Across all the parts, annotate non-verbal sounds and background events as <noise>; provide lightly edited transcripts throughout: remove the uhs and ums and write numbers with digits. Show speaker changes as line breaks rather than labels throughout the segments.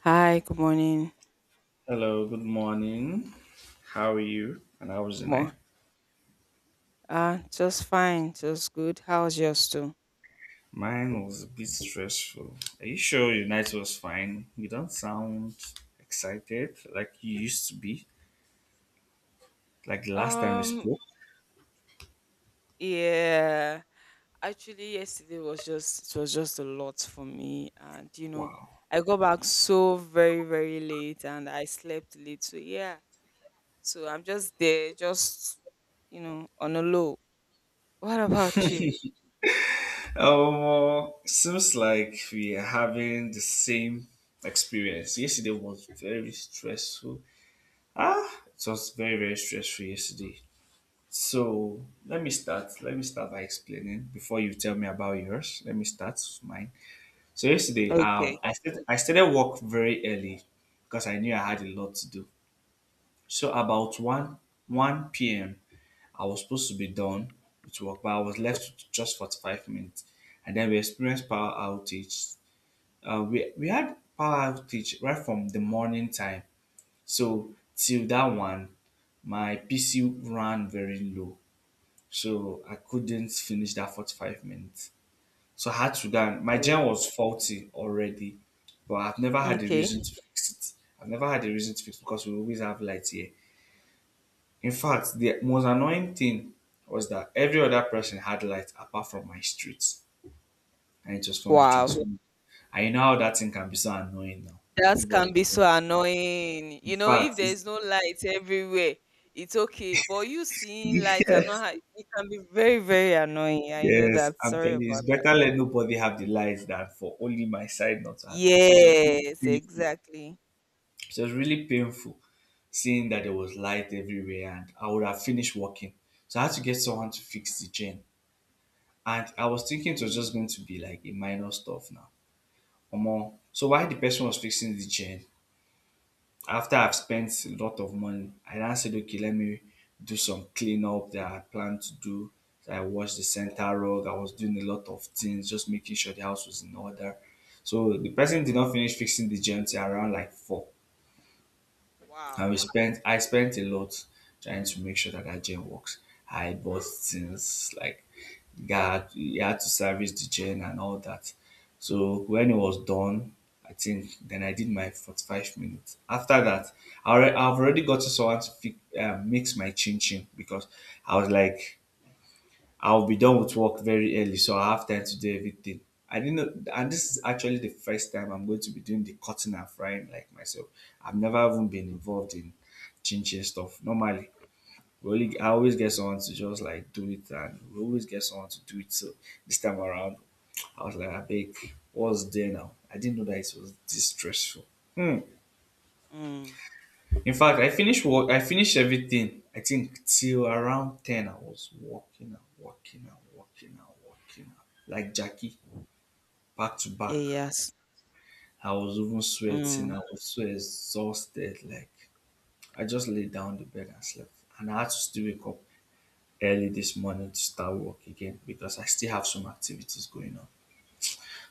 Hi, good morning.
Hello, good morning. How are you? And how was the
Good
night?
morning. Just fine, just good. How's yours too?
Mine was a bit stressful. Are you sure your night was fine? You don't sound excited like you used to be, like the last time we
Um,
spoke.
yeah. Actually, yesterday was just it was just a lot for me, and
Wow.
I got back so very late, and I slept late. So yeah, so I'm just there, just on a low. What about you?
Seems like we are having the same experience. Yesterday was very stressful. Ah, it was very, very stressful yesterday. So let me start. Let me start by explaining before you tell me about yours. Let me start with mine. So yesterday,
Okay.
I started work very early because I knew I had a lot to do. So about
Okay.
one p.m., I was supposed to be done with work, but I was left with just 45 minutes, and then we experienced power outage. We had power outage right from the morning time, so till that one, my PC ran very low, so I couldn't finish that 45 minutes. So I had to go, and my gen
Oh.
was faulty already, but I've never had a
Okay.
reason to fix it. I've never had a reason to fix it because we always have light here. In fact, the most annoying thing was that every other person had light apart from my street, and it was from the
Wow.
transformer. And you know how that thing can be so annoying now.
That
Everybody,
can be so
in
annoying. You know,
fact,
if
it's,
there's no light everywhere, it's okay. But you seeing
<laughs>
light and not
yes,
ha- it can be very, very annoying. I know
yes,
that.
I'm
Sorry
telling you, it's
about that.
better let nobody have the lights than for only my side not to have lights. So it was really
Yes,
painful.
exactly.
It was really painful, seeing that there was light everywhere and I would have finished working. So I had to get someone to fix the chain. And I was thinking it was just
Mm.
going to be like a minor stuff now. Omo. So while the person was fixing the chain, after I've spent a lot of money, I now said, okay, let me do some cleanup that I planned to do. So I washed the center rug. I was doing a lot of things, just making sure the house was in order. So the person did not finish fixing the chain till around like four. I
Wow.
we spent I spent a lot trying to make sure that that gen works. I bought things like God, you had to service the gen and all that. So when it was done, I think then I did my 45 minutes. After that, I've already got to someone to mix my chin chin because I was like, I'll be done with work very early, so I have time to do everything. I didn't know, and this is actually the first time I'm going to be doing the cutting and frying like myself. I've never even been involved in chinching stuff. Normally, I
Um,
always get someone to just like do it, and we always get someone to do it. So this time around, I was like, I beg, what's there now? I didn't know that it was this stressful. Hmm.
mm.
In fact, I finished work. I finished everything. I think till around 10, I was walking and walking and walking and working like Jackie, back to back.
Eh, yes.
I was even sweating. I
Mm.
was so exhausted. Like I just laid down on the bed and slept. And I had to still wake up early this morning to start work again because I still have some activities going on.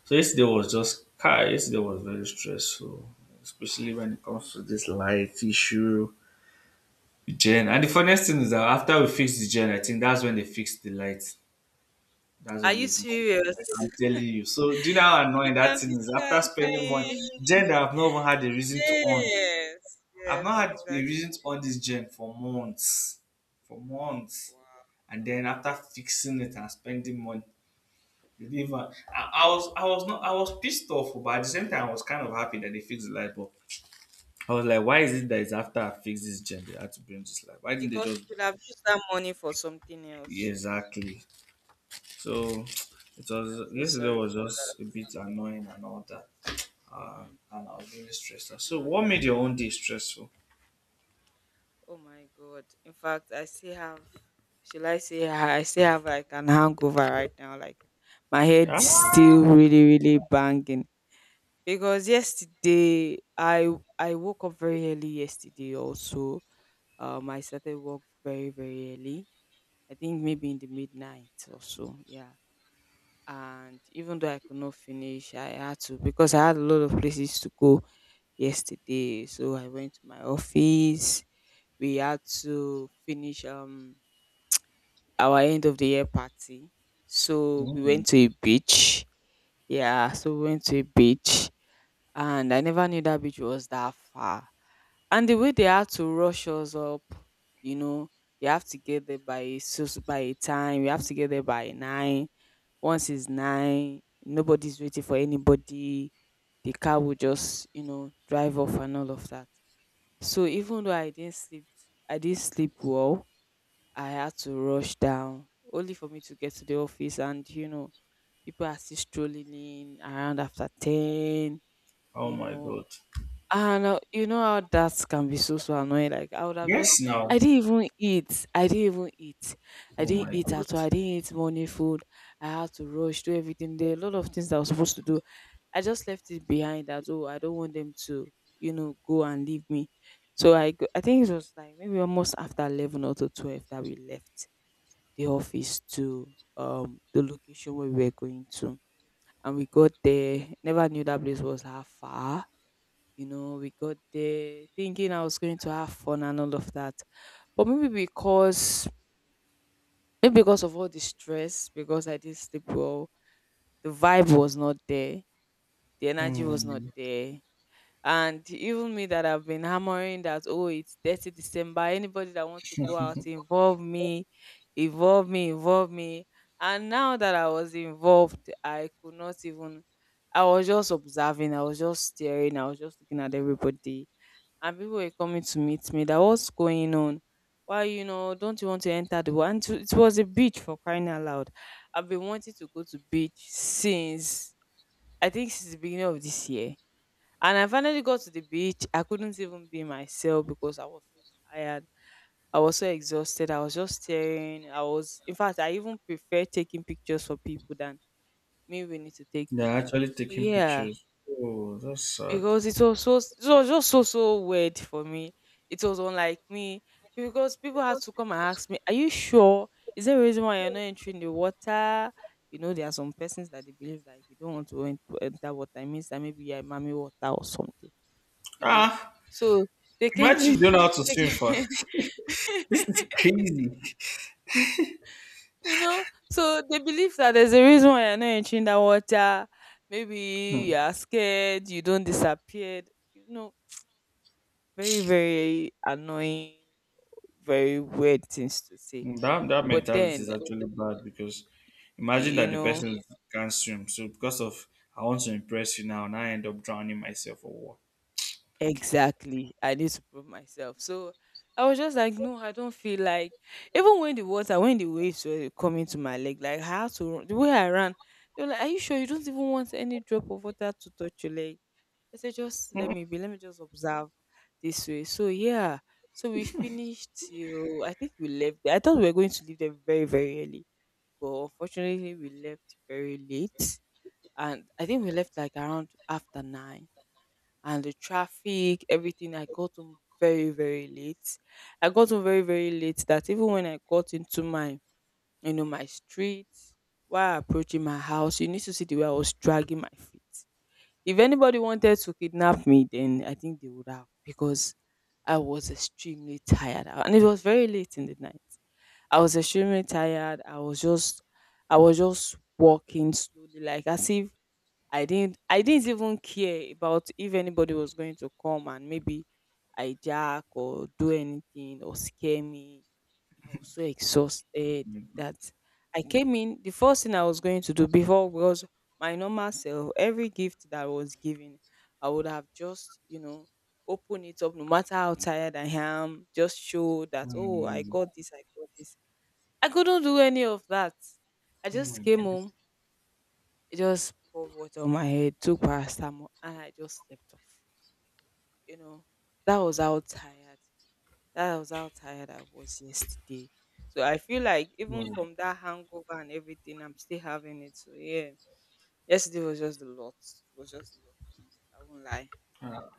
So yesterday was
Mm.
just car. Yesterday was very stressful, especially when it comes to
Mm.
this life issue. The Gen. And the funniest thing is that after we fixed the gen, I think that's when they fixed the lights. That's
Are
when they
you
even fixed the light.
serious?
I'm
<laughs>
telling you. So do you know how annoying
It
that
can
thing
be
is?
so
After spending money,
annoying.
gen that I've not even had a reason to on.
Yes.
I've
Yes,
not had a
exactly.
reason to on this gen for months. For months.
Wow.
And then after fixing it and spending money, they didn't even, I was not I was pissed off, but at the same time I was kind of happy that they fixed the light bulb. I was like, why is it that it's after I fix this gen they had to bring this light? Why didn't they
Because
just
you could have used that money for something else.
exactly So it was
So
yesterday
sorry about
was
that.
just a bit annoying and all that, uh,
Mm.
and I was
I
really stressed. Out.
know
So
how
what
that.
made your
Kind-
own day stressful?
Oh my god. In fact, I still have shall I say I still have like an hangover right now. Like my head is still
Ah,
really, really banging. Because yesterday I woke up very early yesterday also. I started work very, very early. I think maybe in the midnight or so. Yeah. And even though I could not finish, I had to because I had a lot of places to go yesterday. So I went to my office. We had to finish our end of the year party. So we went to
mm.
a beach. Yeah, so we went to a beach and I never knew that beach was that far. And the way they had to rush us up, you know, you have to get there by by a time, you have to get there by nine. Once it's nine, nobody's waiting for anybody. The car will just, you know, drive off and all of that. So even though I didn't sleep well. I had to rush down only for me to get to the office, and you know, people are still strolling in around after ten.
Oh
You
my
know,
god.
and you know how that can be so so annoying. Like I would have just,
Yes, now.
I didn't even eat. I didn't even eat. I
Oh
didn't
my
eat
god.
at all. I didn't eat morning food. I had to rush do everything. There are a lot of things that I was supposed to do. I just left it behind that oh I don't want them to you know go and leave me. So I go, I think it was like maybe almost after 11 or to 12 that we left the office to the location where we were going to, and we got there. Never knew that place was that far. You know, we got there thinking I was going to have fun and all of that, but maybe because of all the stress, because I didn't sleep well, the vibe was not there, the energy was not
Hmm.
there. And even me that I've been hammering that, oh, it's 30 December. Anybody that wants to go out, involve me, involve me, involve me. And now that I was involved, I could not even I was just observing, I was just staring, I was just looking at everybody. And people were coming to meet me. That what's going on? Why, you know, don't you want to enter the water? And it was a beach for crying out loud. I've been wanting to go to beach since I think since the beginning of this year and I finally got to the beach. I couldn't even be myself because I was so tired. I was so exhausted. I was just staring. I was, in fact, I even prefer taking pictures for people than me. We need to take
They're
pictures.
actually
So
taking
yeah,
pictures. Oh, that's sad.
because it was so, it was just so so weird for me. It was unlike me because people had to come and ask me, "Are you sure? Is there a reason why you're not entering the water?" You know, there are some persons that they believe that if you don't want to enter water, it means that maybe you're a mommy water or something you know.
Ah,
So they came
imagine
to,
you don't know how to
<laughs> they
swim
came,
first. <laughs> This is crazy.
<laughs> you know, so they believe that there's a reason why you're not entering that water. Maybe you are scared, you don't disappear. You know, very, very annoying, very weird things to say.
That that
But
mentality
then,
is actually bad because imagine
you
that the
know.
person can't swim. So because of I want to impress you now, and I end up drowning myself or what?
Exactly. I need to prove myself. So I was just like, no, I don't feel like even when the water, when the waves were coming to my leg, like I had to run the way I ran, they were like, are you sure you don't even want any drop of water to touch your leg? I said, just let me be, let me just observe this way. So yeah. So we finished till I think we left there. I thought we were going to leave there very, very early. But unfortunately we left very late. And I think we left like around after nine and the traffic, everything. I got home very, very late. I got home very, very late that even when I got into my, you know, my street, while approaching my house, you need to see the way I was dragging my feet. If anybody wanted to kidnap me, then I think they would have because I was extremely tired. And it was very late in the night. I was extremely tired. I was just walking slowly, like as if I didn't even care about if anybody was going to come and maybe hijack or do anything or scare me. I was so exhausted
Mm.
that I came in the first thing I was going to do before was my normal self. Every gift that was given, I would have just, you know, open it up no matter how tired I am, just show that oh I
Mm.
got this, I got this. I couldn't do any of that. I
Oh my
just came
god.
home he just poured water on my head, took paracetamol, and I just slept off. You know, that was how tired. That was how tired I was yesterday. So I feel like even
Oh.
from that hangover and everything, I'm still having it. So yeah, yesterday was just a lot. It was just a lot for me. I won't lie.
Ah,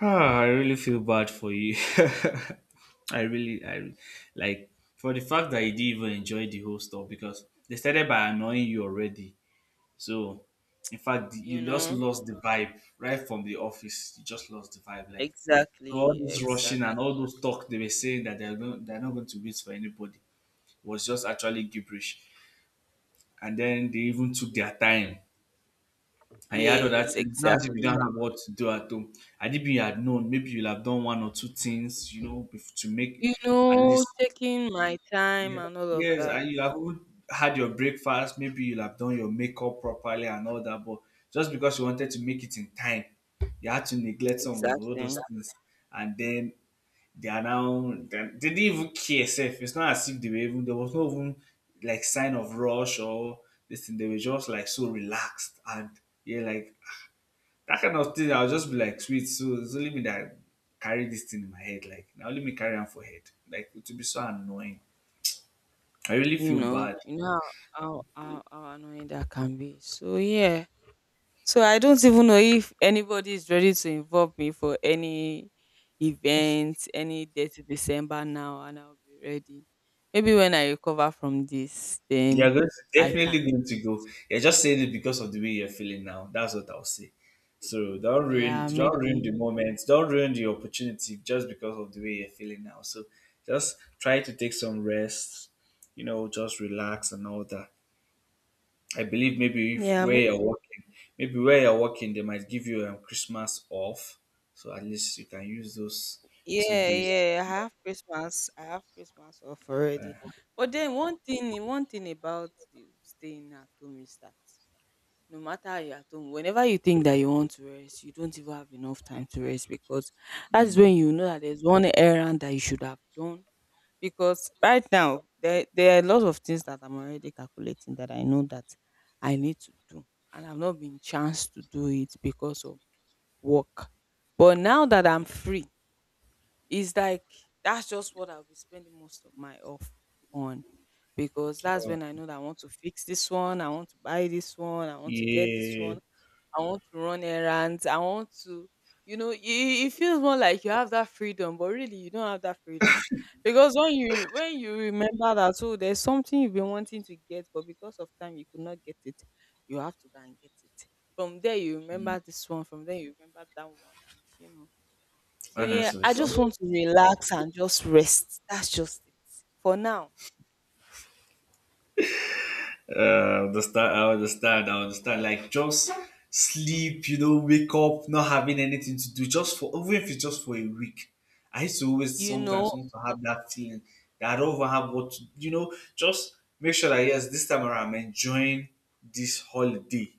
ah, I really feel bad for you. <laughs> I really, I re- like for the fact that you didn't even enjoy the whole stuff because they started by annoying you already. So, in fact,
You
you just
know,
lost the vibe right from the office. You just lost the vibe. Like, so all
exactly,
this rushing
exactly.
and all those talk they were saying that they're going, they're not going to wait for anybody was just actually gibberish. And then they even took their time. And you had other
Yes,
things. Now, if you don't
exactly.
have what to do at home, and if you had known, maybe you'll have done one or two things, you know, bef- to make
You
at
know,
least.
taking my time
Yeah.
and all of
Yes,
that.
and you have even had your breakfast, maybe you'll have done your makeup properly and all that, but just because you wanted to make it in time, you had to neglect some of all those
Exactly.
things. And then they are now they didn't even care self. It's not as if they were even there was no even like sign of rush or this thing. They were just like so relaxed and yeah, like that kind of thing. I'll just be like, sweet. So it's only me that carry this thing in my head. Like now, let me carry on for head. Like it would be so annoying. I really feel bad.
You know how annoying that can be. So yeah. So I don't even know if anybody is ready to involve me for any event, any day to December now, and I'll be ready. Maybe when I recover from this,
You're
then
going to,
I
definitely
can.
going to go. You're just saying it because of the way you're feeling now. That's what I'll say. So
Yeah,
don't ruin
maybe.
the moment. Don't ruin the opportunity just because of the way you're feeling now. So just try to take some rest. You know, just relax and all that. I believe maybe if
Yeah,
where
maybe.
you're working, maybe where you're working, they might give you Christmas off. So at least you can use those two
Yeah,
days.
yeah. I have Christmas. I have Christmas off already.
Uh,
But then one thing about the staying at home is that no matter you're at home, whenever you think that you want to rest, you don't even have enough time to rest because that is
mm.
when you know that there's one errand that you should have done. Because right now, there are a lot of things that I'm already calculating that I know that I need to do, and I've not been chance to do it because of work. But now that I'm free, it's like that's just what I'll be spending most of my off on because that's
Oh,
when I know that I want to fix this one, I want to buy this one, I want to get this
yeah,
one, I want to run errands, I want to, you know, it feels more like you have that freedom, but really you don't have that freedom because when you remember that oh there's something you've been wanting to get but because of time you could not get it, you have to go and get it. From there you remember this one, from there you remember that one, and you know so yeah,
honestly,
I
so.
just want to relax and just rest. That's just it for now.
I understand, Like just sleep, you know, wake up, not having anything to do, just for even if it's just for a week. I used to always
You
sometimes
know,
want to have that feeling that I don't even have what to, you know, just make sure that yes, this time around I'm enjoying this holiday.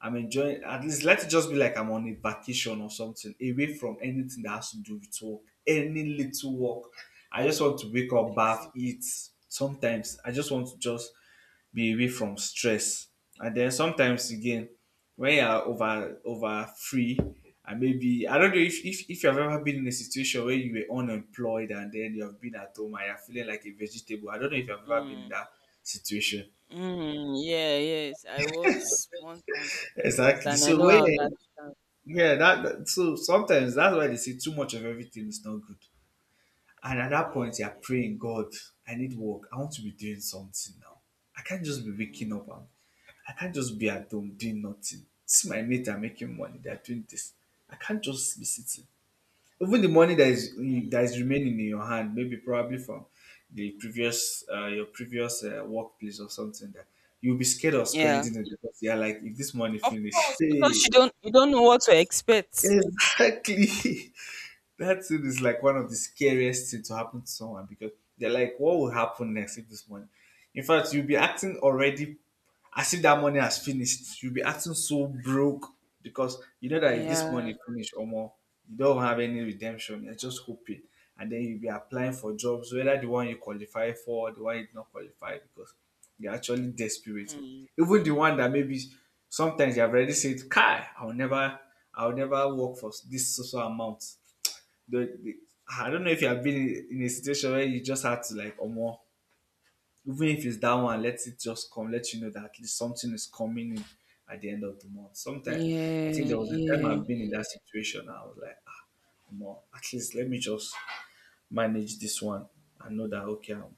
I'm enjoying at least let it just be like I'm on a vacation or something, away from anything that has to do with work. Any little work. I just want to wake up, bath,
exactly.
eat. Sometimes I just want to just be away from stress. And then sometimes again, when you are over free, and maybe I don't know if, if you have ever been in a situation where you were unemployed and then you have been at home and you're feeling like a vegetable. I don't know if you've ever been in
Mm.
that situation. <laughs>
Mm. Yeah, yes. I was one time. I was,
Exactly.
and I
So
know
when
how that.
you're
Can,
Yeah, that that- so sometimes that's why they say too much of everything is not good. And at that point,
yes,
you're
yes.
praying, God, I need work. I want to be doing something now. I can't just be waking
Mm.
up and I can't just be at home doing nothing. See my mate are making money, they're doing this. I can't just be sitting. Even the money
Mm.
that is remaining in your hand, maybe probably from the previous your previous workplace or something that you'll be scared of
Yeah,
spending it because you're like, if this money
of
finish, <laughs>
course, because
hey,
you don't know what to expect.
exactly. <laughs> That thing is like one of the scariest things to happen to someone because they're like, what will happen next if this money? In fact, you'll be acting already as if that money has finished. You'll be acting so broke because you know that if this money
Yeah.
finish or more, you don't have any redemption. You're just hoping. And then you'll be applying for jobs, whether the one you qualify for, or the one you did not qualify because you're actually desperate.
Mm.
Even the one that maybe sometimes you have already said, Kai, I'll never work for this so amount the I don't know if you have been in a situation where you just had to like or more even if it's that one, let it just come, let you know that at least something is coming in at the end of the month sometimes. I think
Yeah.
there was a time
Yeah.
I've been in that situation. I was like, ah, more, at least let me just manage this one. I know that, okay,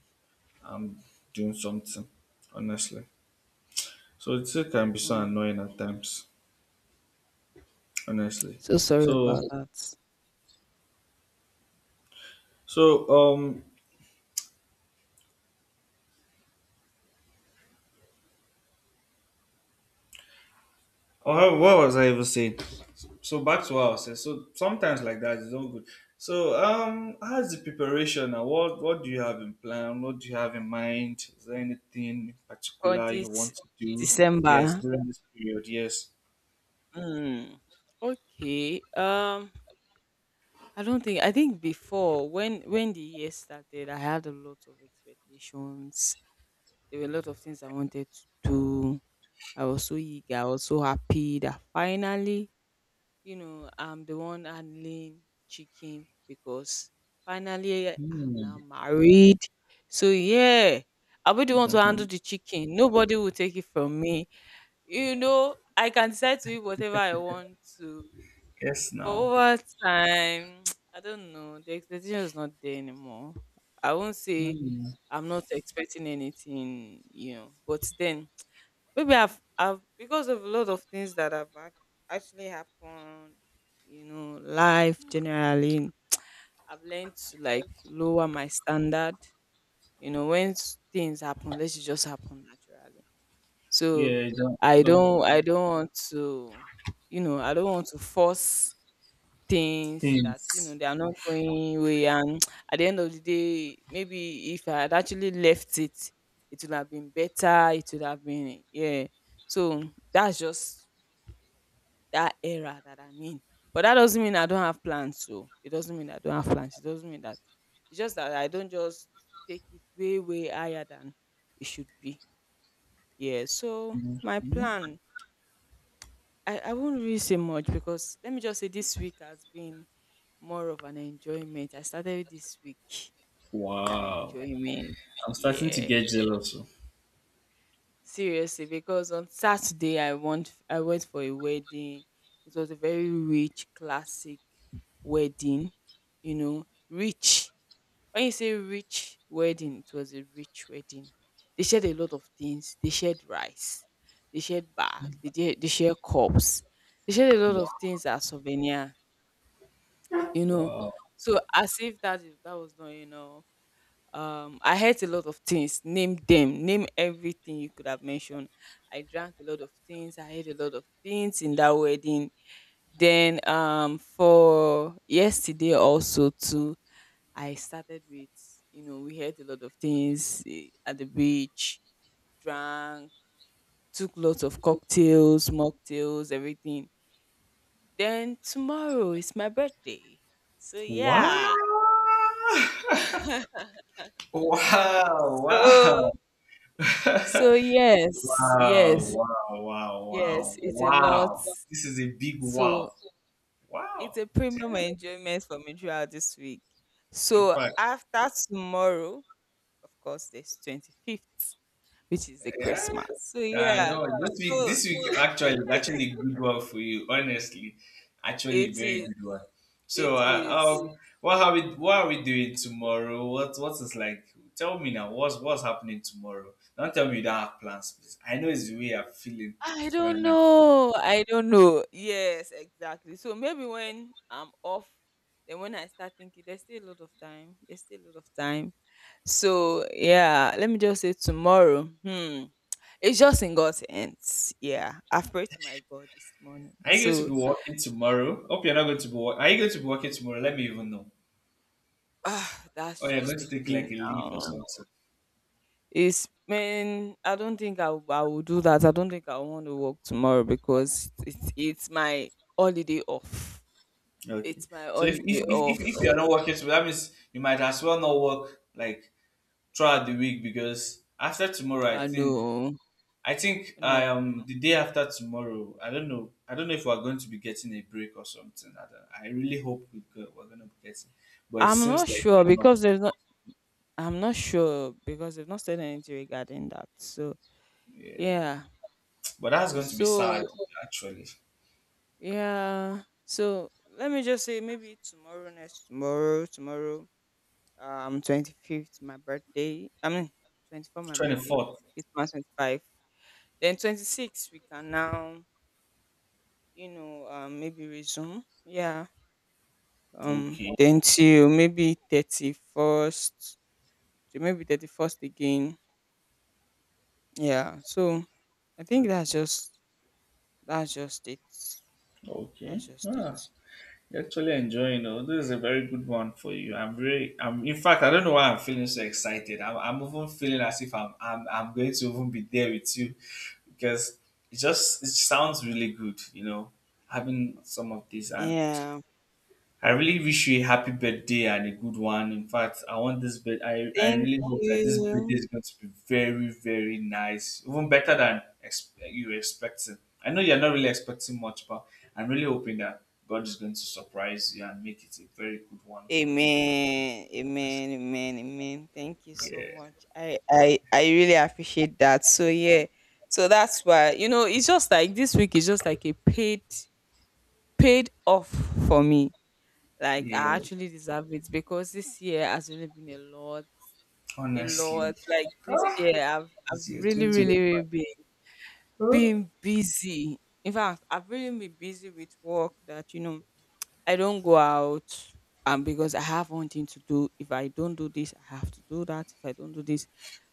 I'm doing something, honestly. So it still can be so
Mm.
annoying at times, honestly.
So sorry about
so
that.
so um Oh, what was I even saying? So back to what I was saying. So sometimes like that is not good. So how's the preparation now? What do you have in plan? What do you have in mind? Is there anything in
For
particular you
this
want to do? Yes,
December.
during this period. Yes.
Mm, okay. I don't think. I think before when the year started, I had a lot of expectations. There were a lot of things I wanted to do. I was so eager. I was so happy that finally, you know, I'm the one handling chicken because finally eh, I'm
Hmm.
now married. So yeah, I'll be the one to handle
Hmm.
the chicken. Nobody will take it from me. You know, I can decide to eat whatever I want to
Yes.
but
Now.
over time, <tsk> I don't know. The expectation is not there anymore. I won't say
Hmm.
I'm not expecting anything, you know. But then <tsk> maybe I've because of a lot of things that have actually happened, you know, life generally. I've learned to like lower my standard. You know, when things happen, let it just happen naturally. So
Yeah, don't,
I
don't
don't I don't want to, force things that,
things.
they are not going away, and <tsk> at the end of the day, maybe if I had actually left it, it would have been better, it would have been, yeah. So that's just that era that I'm in. But that doesn't mean I don't have plans, so it doesn't mean I don't have plans, it doesn't mean that, it's just that I don't just take it way way higher than it should be. Yeah. So my plan, I won't really say much, because let me just say this week has been more of an enjoyment. I started this week with an
Wow.
enjoyment.
I'm starting to
Yeah.
get jealous. Oh.
Seriously, because on Saturday, I went for a wedding. It was a very rich, classic wedding, you know, rich. When you say rich wedding, it was a rich wedding. They shared a lot of things. They shared rice, they shared bag, they, they shared cups, they shared a lot of things as souvenir, you know.
Wow.
So, as if that was not enough, I heard a lot of things, name them, name everything you could have mentioned. I drank a lot of things, I had a lot of things in that wedding. Then, for yesterday also too, I started with, you know, we had a lot of things at the beach. Drank, took lots of cocktails, mocktails, everything. Then tomorrow is my birthday, so
Wow.
yeah.
Wow. <laughs> Wow.
So
Wow. <laughs> Wow,
So yes, yes,
wow, wow, wow,
yes, it's a lot.
wow. This is a big wow.
So it's
Wow.
a premium
Damn.
enjoyment for me throughout this week.
In
So
fact,
after tomorrow, of course, there's 25th, which is the
yeah.
Christmas. So yeah,
No,
so
this week
<laughs>
actually is actually a good one for you. Honestly, actually a
it
very
is,
good one.
it
So,
is.
what are we? What are we doing tomorrow? What is like? Tell me now. What's happening tomorrow? Don't tell me you don't have plans, please. I know it's the way you're feeling
I
right
don't
now.
know. I don't know. Yes, exactly. So maybe when I'm off, then when I start thinking, there's still a lot of time. There's still a lot of time. So yeah, let me just say tomorrow. Hmm. It's just in God's hands. Yeah. I've prayed to my God this morning.
Are you going to be
So
working tomorrow? Hope you're not going to be. Wor- are you going to be working tomorrow? Let me even know. Or
that's
you're going
just
to
the
take like
thing
a leave or
now.
something.
It's Man, I don't think I will do that. I don't think I want to work tomorrow because it's my holiday off.
Okay.
It's my
So if if
holiday
if, if,
off.
if you're not working tomorrow, that means you might as well not work like throughout the week because after tomorrow, I
I
think
know.
I think
No, no.
um the day after tomorrow. I don't know. I don't know if we're going to be getting a break or something. I, don't, I really hope we're going to be getting, but it
I'm
seems
not
like
sure
we're not.
because there's not I'm not sure because they've not said anything regarding that. So
Yeah.
yeah.
But that's going to be sad
So
actually.
yeah. So let me just say maybe tomorrow, next tomorrow, tomorrow, 25th, my birthday. I mean, 24, my
Twenty
birthday.
fourth.
Christmas 25. Then 26, we can now, maybe resume. Yeah.
Okay.
Then till maybe 31st, to maybe 31st again. Yeah. So I think that's
Okay.
just that's just it.
Okay.
That's just
Ah,
it.
you're actually enjoying. Oh, this is a very good one for you. I'm very. I'm in fact I don't know why I'm feeling so excited. I'm even feeling as if I'm going to even be there with you because it just it sounds really good, you know, having some of this. And
Yeah.
I really wish you a happy birthday and a good one. In fact, I want this birth. I
Thank
really hope that this birthday
you.
is going to be very, very nice, even better than ex- you were expecting. I know you're not really expecting much, but I'm really hoping that God is going to surprise you and make it a very good one for you.
Amen. Amen. Amen. Amen. Thank you
Yeah,
so much. I really appreciate that. So yeah. So that's why, you know, it's just like this week is just like a paid off for me. Like I
yeah.
actually deserve it because this year has really been a lot. A
Honestly,
lot. Like this year I've
it's year
really, really, really
2025.
been,
Hmm?
busy. In fact, I've really been busy with work that, I don't go out because I have one thing to do. If I don't do this, I have to do that. If I don't do this,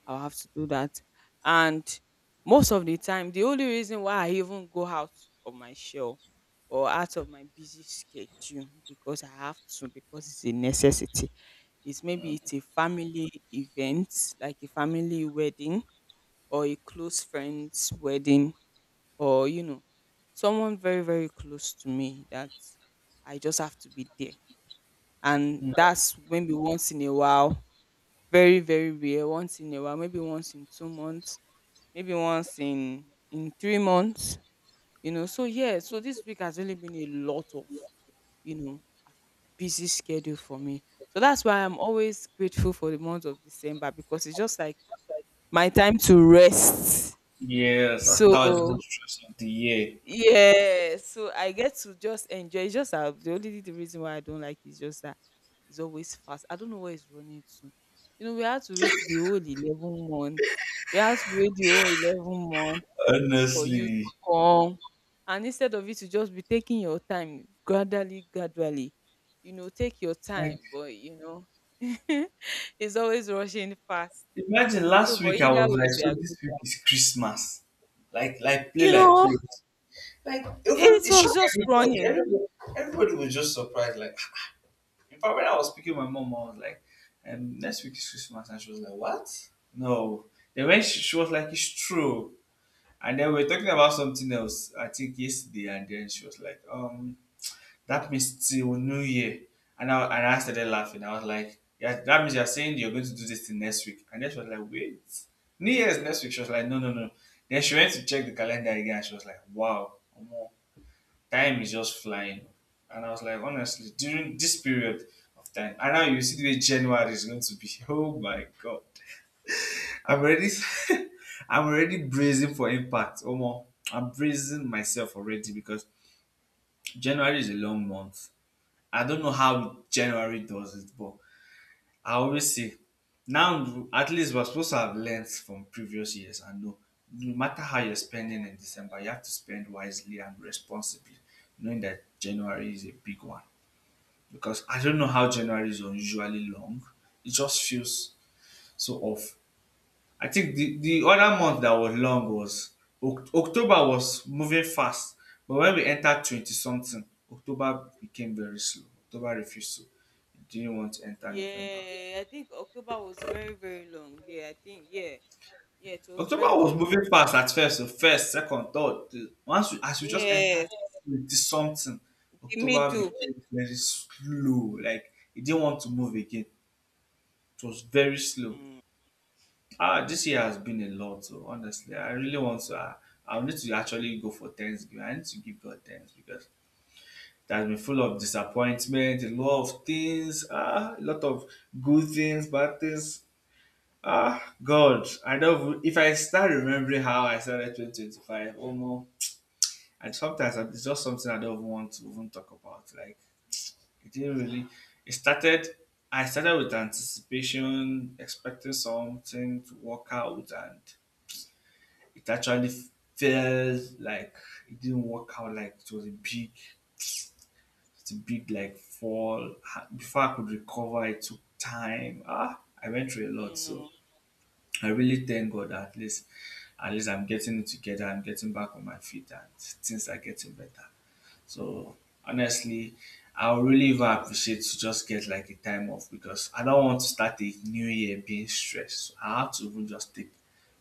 I'll have to do that. And most of the time, the only reason why I even go out of my shell or out of my busy schedule, because I have to, because it's a necessity. It's maybe it's a family event, like a family wedding or a close friend's wedding, or, you know, someone very, very close to me that I just have to be there, and
Mm.
that's maybe once in a while, very very rare, once in a while, maybe once in 2 months, maybe once in 3 months, you know. So yeah, so this week has really been a lot of, you know busy schedule for me. So that's why I'm always grateful for the month of December because it's just like my time to rest.
Yes, after the whole
So
stress of the year,
yeah, so I get to just enjoy. It's just that the reason why I don't like is just that it's always fast. I don't know where it's running to. You know, we had to wait the whole 11 months. We had to wait the whole 11 months for you
honestly.
to come. And instead of you to just be taking your time, gradually, gradually, you know, take your
Like,
time, but <laughs> it's always rushing fast.
imagine
So,
last
but
week I
either
was like,
ways, we
so
are good.
this week is Christmas. Like play
You
like
know,
play. Like even
it
it
was
shocked
just
everybody.
running.
Everybody was just surprised. Like <laughs> in fact when I was speaking to my mom, I was like, next week is Christmas, and she was like, what? No. Then when she was like, it's true. And then we are talking about something else, I think yesterday, and then she was like, that means till New Year. And I started laughing. I was like, yeah, that means you're saying you're going to do this thing next week. And then she was like, wait, New Year's next week. She was like, no, no, no. Then she went to check the calendar again. And she was like, wow, omo, time is just flying. And I was like, honestly, during this period of time, and now you see the way January is going to be. <laughs> Oh my God. I'm already, <laughs> I'm already bracing for impact. Omo, I'm bracing myself already because January is a long month. I don't know how January does it, but I always say now at least we're supposed to have learned from previous years and know no matter how you're spending in December, you have to spend wisely and responsibly, knowing that January is a big one. Because I don't know how January is unusually long. It just feels so off. I think the other month that was long was Oc- October was moving fast, but when we entered 20 something, October became very slow. October refused to, it didn't want to enter November.
Yeah, I think October was very, very long. Yeah, I think, yeah. Yeah, it was
October
very,
was
very
moving
long.
fast at first, so first, second, third. The- Once we, as we just entered
Yes,
20 something,
the
October
middle.
became very slow. Like it didn't want to move again. It was very slow.
Mm,
Ah, this year has been a lot. So honestly, I really want to. I need to actually go for Thanksgiving. I need to give God thanks because that has been full of disappointment, a lot of things, ah, a lot of good things, bad things. Ah, God, I don't. Even- if I start remembering how I started 2025, almost, and sometimes I- it's just something I don't even want to even talk about. Like it didn't really. It started. I started with anticipation, expecting something to work out, and it actually felt like it didn't work out, like it was a big it's a big like fall. Ha- before I could recover, it took time. Ah, I went through a
you
lot. So
know.
I really thank God that at least I'm getting it together, I'm getting back on my feet and things are getting better. So honestly, I'll really even appreciate to just get like a time off because I don't want to start a new year being stressed. So I have to even just take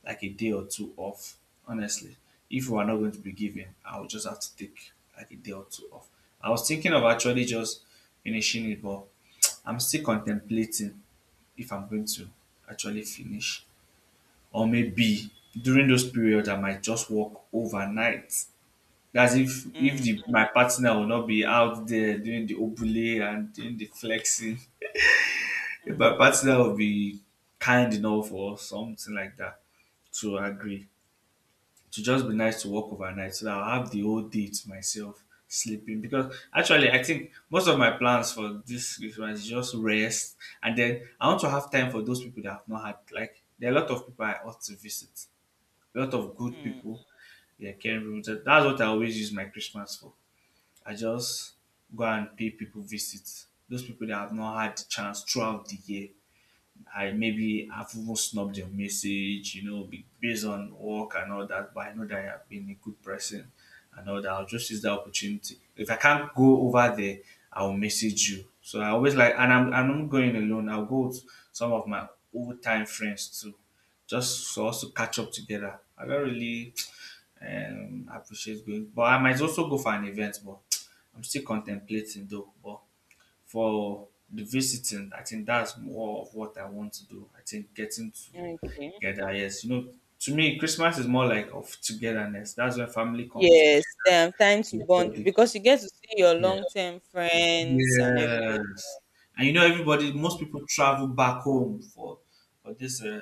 like a day or two off. Honestly, if we are not going to be given, I will just have to take like a day or two off. I was thinking of actually just finishing it, but I'm still contemplating if I'm going to actually finish. Or maybe during those periods, I might just work overnight. That's if
Mm,
the my partner will not be out there doing the obule and doing the flexing. If my
mm,
partner will be kind enough or something like that to agree. To just be nice to work overnight so that I'll have the whole day to myself sleeping. Because actually I think most of my plans for this Christmas is just rest, and then I want to have time for those people that I've not had. Like there are a lot of people I ought to visit. A lot of good
mm.
people. Yeah, can, that's what I always use my Christmas for. I just go and pay people visit. Those people that have not had the chance throughout the year. I maybe have even snubbed your message, you know, be- based on work and all that, but I know that I have been a good person and all that. I'll just use that opportunity. If I can't go over there, I'll message you. So I always like, and I'm not going alone. I'll go with some of my old time friends too, just for us to catch up together. I don't really I appreciate going. But I might also go for an event, but I'm still contemplating though. But for the visiting, I think that's more of what I want to do. I think getting
Okay.
together, yes, you know, to me, Christmas is more like of togetherness. That's when family come together.
Yes, time to bond
Everybody.
because you get to see your
Yeah.
long-term friends and everybody.
Yes. And you know, everybody,
Yeah,
most people travel back home for this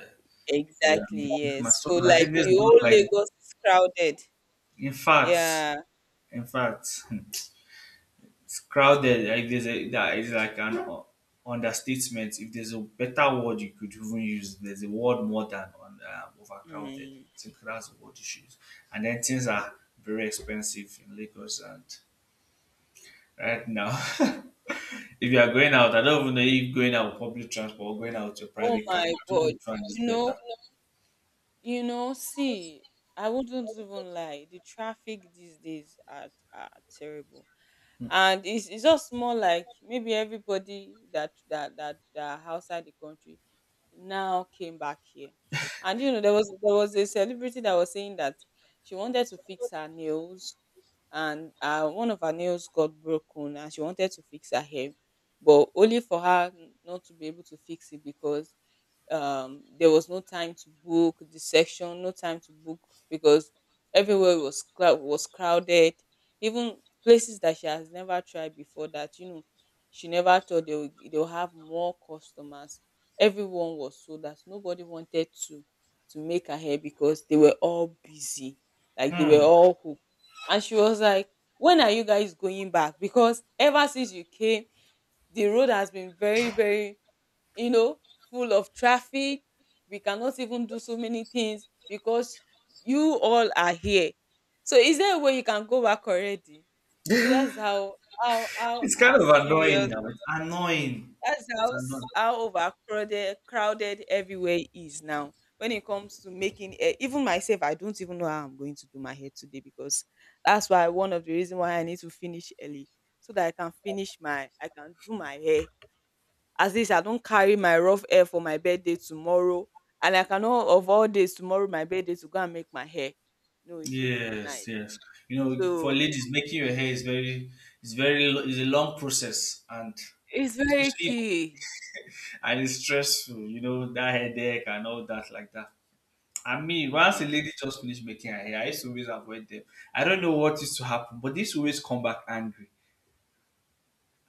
yeah, the
exactly. Yes.
Christmas. So
So
I think
like
this is
the whole
like,
Lagos is crowded.
in fact,
Yeah.
in fact. <laughs> It's crowded. Like there's a that is like an u- understatement. If there's a better word you could even use, there's a word more than on, overcrowded.
Mm,
I think that's the word you should use. And then things are very expensive in Lagos and right now. <laughs> If you are going out, I
mm.
don't even know if going out with public transport or going out with your
Oh
private car.
my
Do
God.
which one is
You know,
better?
You know, see, I wouldn't even lie. The traffic these days are terrible. And it's just more like, maybe everybody that outside the country now came back here. And, you know, there was a celebrity that was saying that she wanted to fix her nails, and one of her nails got broken, and she wanted to fix her hair, but only for her not to be able to fix it, because there was no time to book the section, no time to book, because everywhere was crowded. Even places that she has never tried before, that, she never thought they will have more customers. Everyone was sold out, nobody wanted to make her hair because they were all busy, like they were
Hmm.
all hooked. And she was like, when are you guys going back? Because ever since you came, the road has been very, very, you know full of traffic. We cannot even do so many things because you all are here. So is there a way you can go back already? So that's how
It's kind of annoying
serious,
now. It's annoying.
that's
It's
how
annoying.
overcrowded crowded everywhere is now. When it comes to making hair, even myself, I don't even know how I'm going to do my hair today, because that's why one of the reason why I need to finish early, so that I can finish my I can do my hair. At least I don't carry my rough hair for my birthday tomorrow, and I cannot, of all days, tomorrow, my birthday, to go and make my hair. No, it wouldn't be
Yes,
nice.
yes. You know, for
So
ladies, making your hair is very, lo- is a long process, and
it's very
especially if-
key,
and it's stressful. You know that headache and all that like that. I mean,
you
once a
know.
lady just finished making her hair, I used to always avoid them. I don't know what used to happen, but this always come back angry.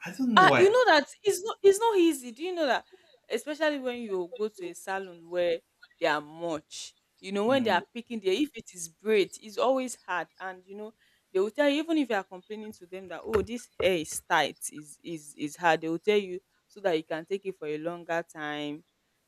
I don't know
You
why.
know that <laughs> it's not easy. Do you know that? Especially when you go to a salon where they are much. You know, when they
Mm.
are picking there, if it is braid, it's always hard. And, you know, they will tell you, even if you are complaining to them that, oh, this hair is tight, is hard, they will tell you so that you can take it for a longer time.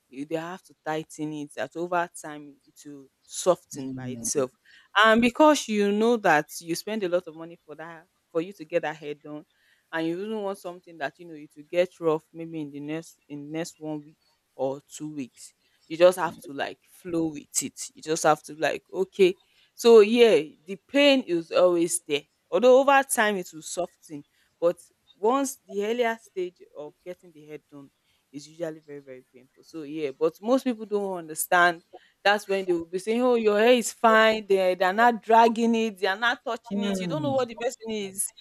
You they have to tighten it, that over time it will soften by
Mm.
itself. And because you know that you spend a lot of money for that, for you to get that hair done, and you even want something that you know it will get rough maybe in the next one week or 2 weeks, you just have to like flow with it, you just have to like, okay. So yeah, the pain is always there, although over time it will soften. But once the earlier stage of getting the head done is usually very, very painful. So yeah, but most people don't understand. That's when they will be saying, oh, your hair is fine, they're not dragging it, they're not touching it, you don't know
Mm.
what the person is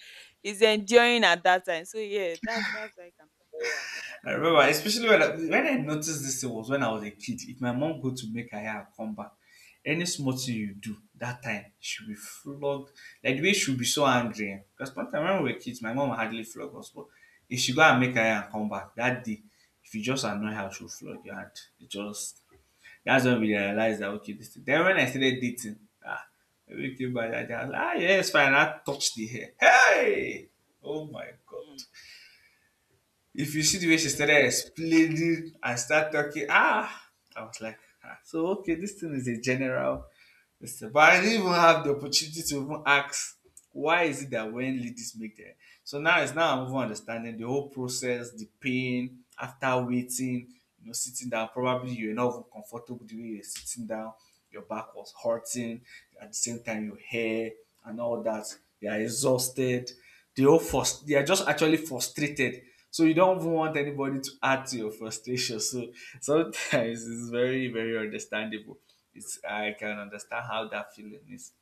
it's enduring at that time. So yeah, that's why it can be very annoying.
I remember, especially when when I noticed this thing was when I was a kid. If my mom go to make her hair and come back, any small thing you do that time, she'll be flogged. Like the way she'll be so angry. Eh. Because one time when we were kids, my mom hardly flog us. But if she go and make her hair and come back that day, if you just annoy her, she'll flog you. And it just that's when we realized that okay, this thing. Then when I started dating, ah, when we came back that day, I was like, ah yes, fine. I touched the hair. Hey, oh my god, if you see the way she
Mm, yeah.
started explaining and start talking, ah, I was like, ah, so okay, this thing is a general. Yes, but I didn't even have the opportunity to even ask why is it that when ladies make their so now it's now I'm even understanding the whole process, the pain after waiting, you know, sitting down. Probably you're not even comfortable the way you're sitting down, your back was hurting, at the same time your hair and all that. They are exhausted. They all frust- they are just actually frustrated. So you don't even want anybody to add to your frustration. So sometimes <laughs> it's very, very understandable. It's I can understand how that feeling is.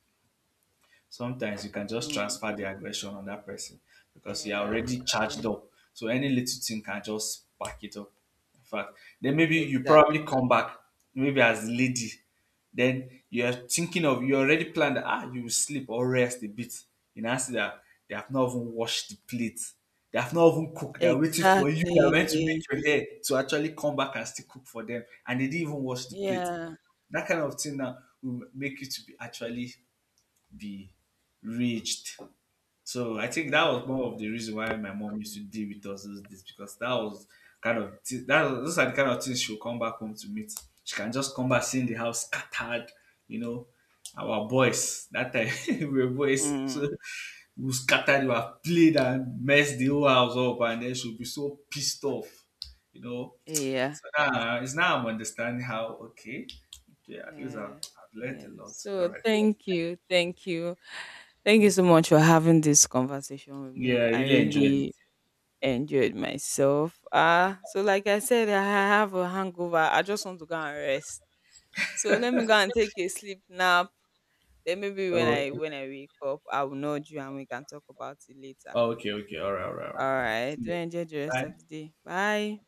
Sometimes you can just
Mm,
transfer the aggression on that person because you are
yeah.
already charged
Yeah.
up. So any little thing can just spark it up. In fact, then maybe you
Exactly.
probably come back, maybe as lady, then you are thinking of you already planned that ah you will sleep or rest a bit. You now see that they have not even washed the plate. They have not even cooked. They are waiting for you. They are meant to
Exactly.
make your hair to actually come back and still cook for them, and they didn't even wash the plate.
Yeah.
That kind of thing now will make you to be actually be reached. So I think that
Yeah.
was more of the reason why my mom used to deal with us those days because that was kind of th- that was, those are the kind of things she'll come back home to meet. She can just come back seeing the house scattered, you know. Our boys that time <laughs> we were boys, so
Mm,
we scattered, we have played and messed the whole house up, and then she'll be so pissed off, you know.
yeah.
So now it's now I'm understanding how okay, okay, at least
Yeah.
I've learned
Yeah.
a lot. All
So
right,
thank you. Thank you. Thank you so much for having this conversation with
yeah, I
me. I
really enjoyed it.
really enjoyed myself. So like I said, I have a hangover. I just want to go and rest. So let me go and take a sleep nap. Then maybe when
Oh,
I
okay.
when I wake up, I will nudge you and we can talk about it later.
Oh, okay. Okay. All right. All right. All
All
right. All right.
right.
See
Do
you.
enjoy the rest
Bye.
of the day. Bye.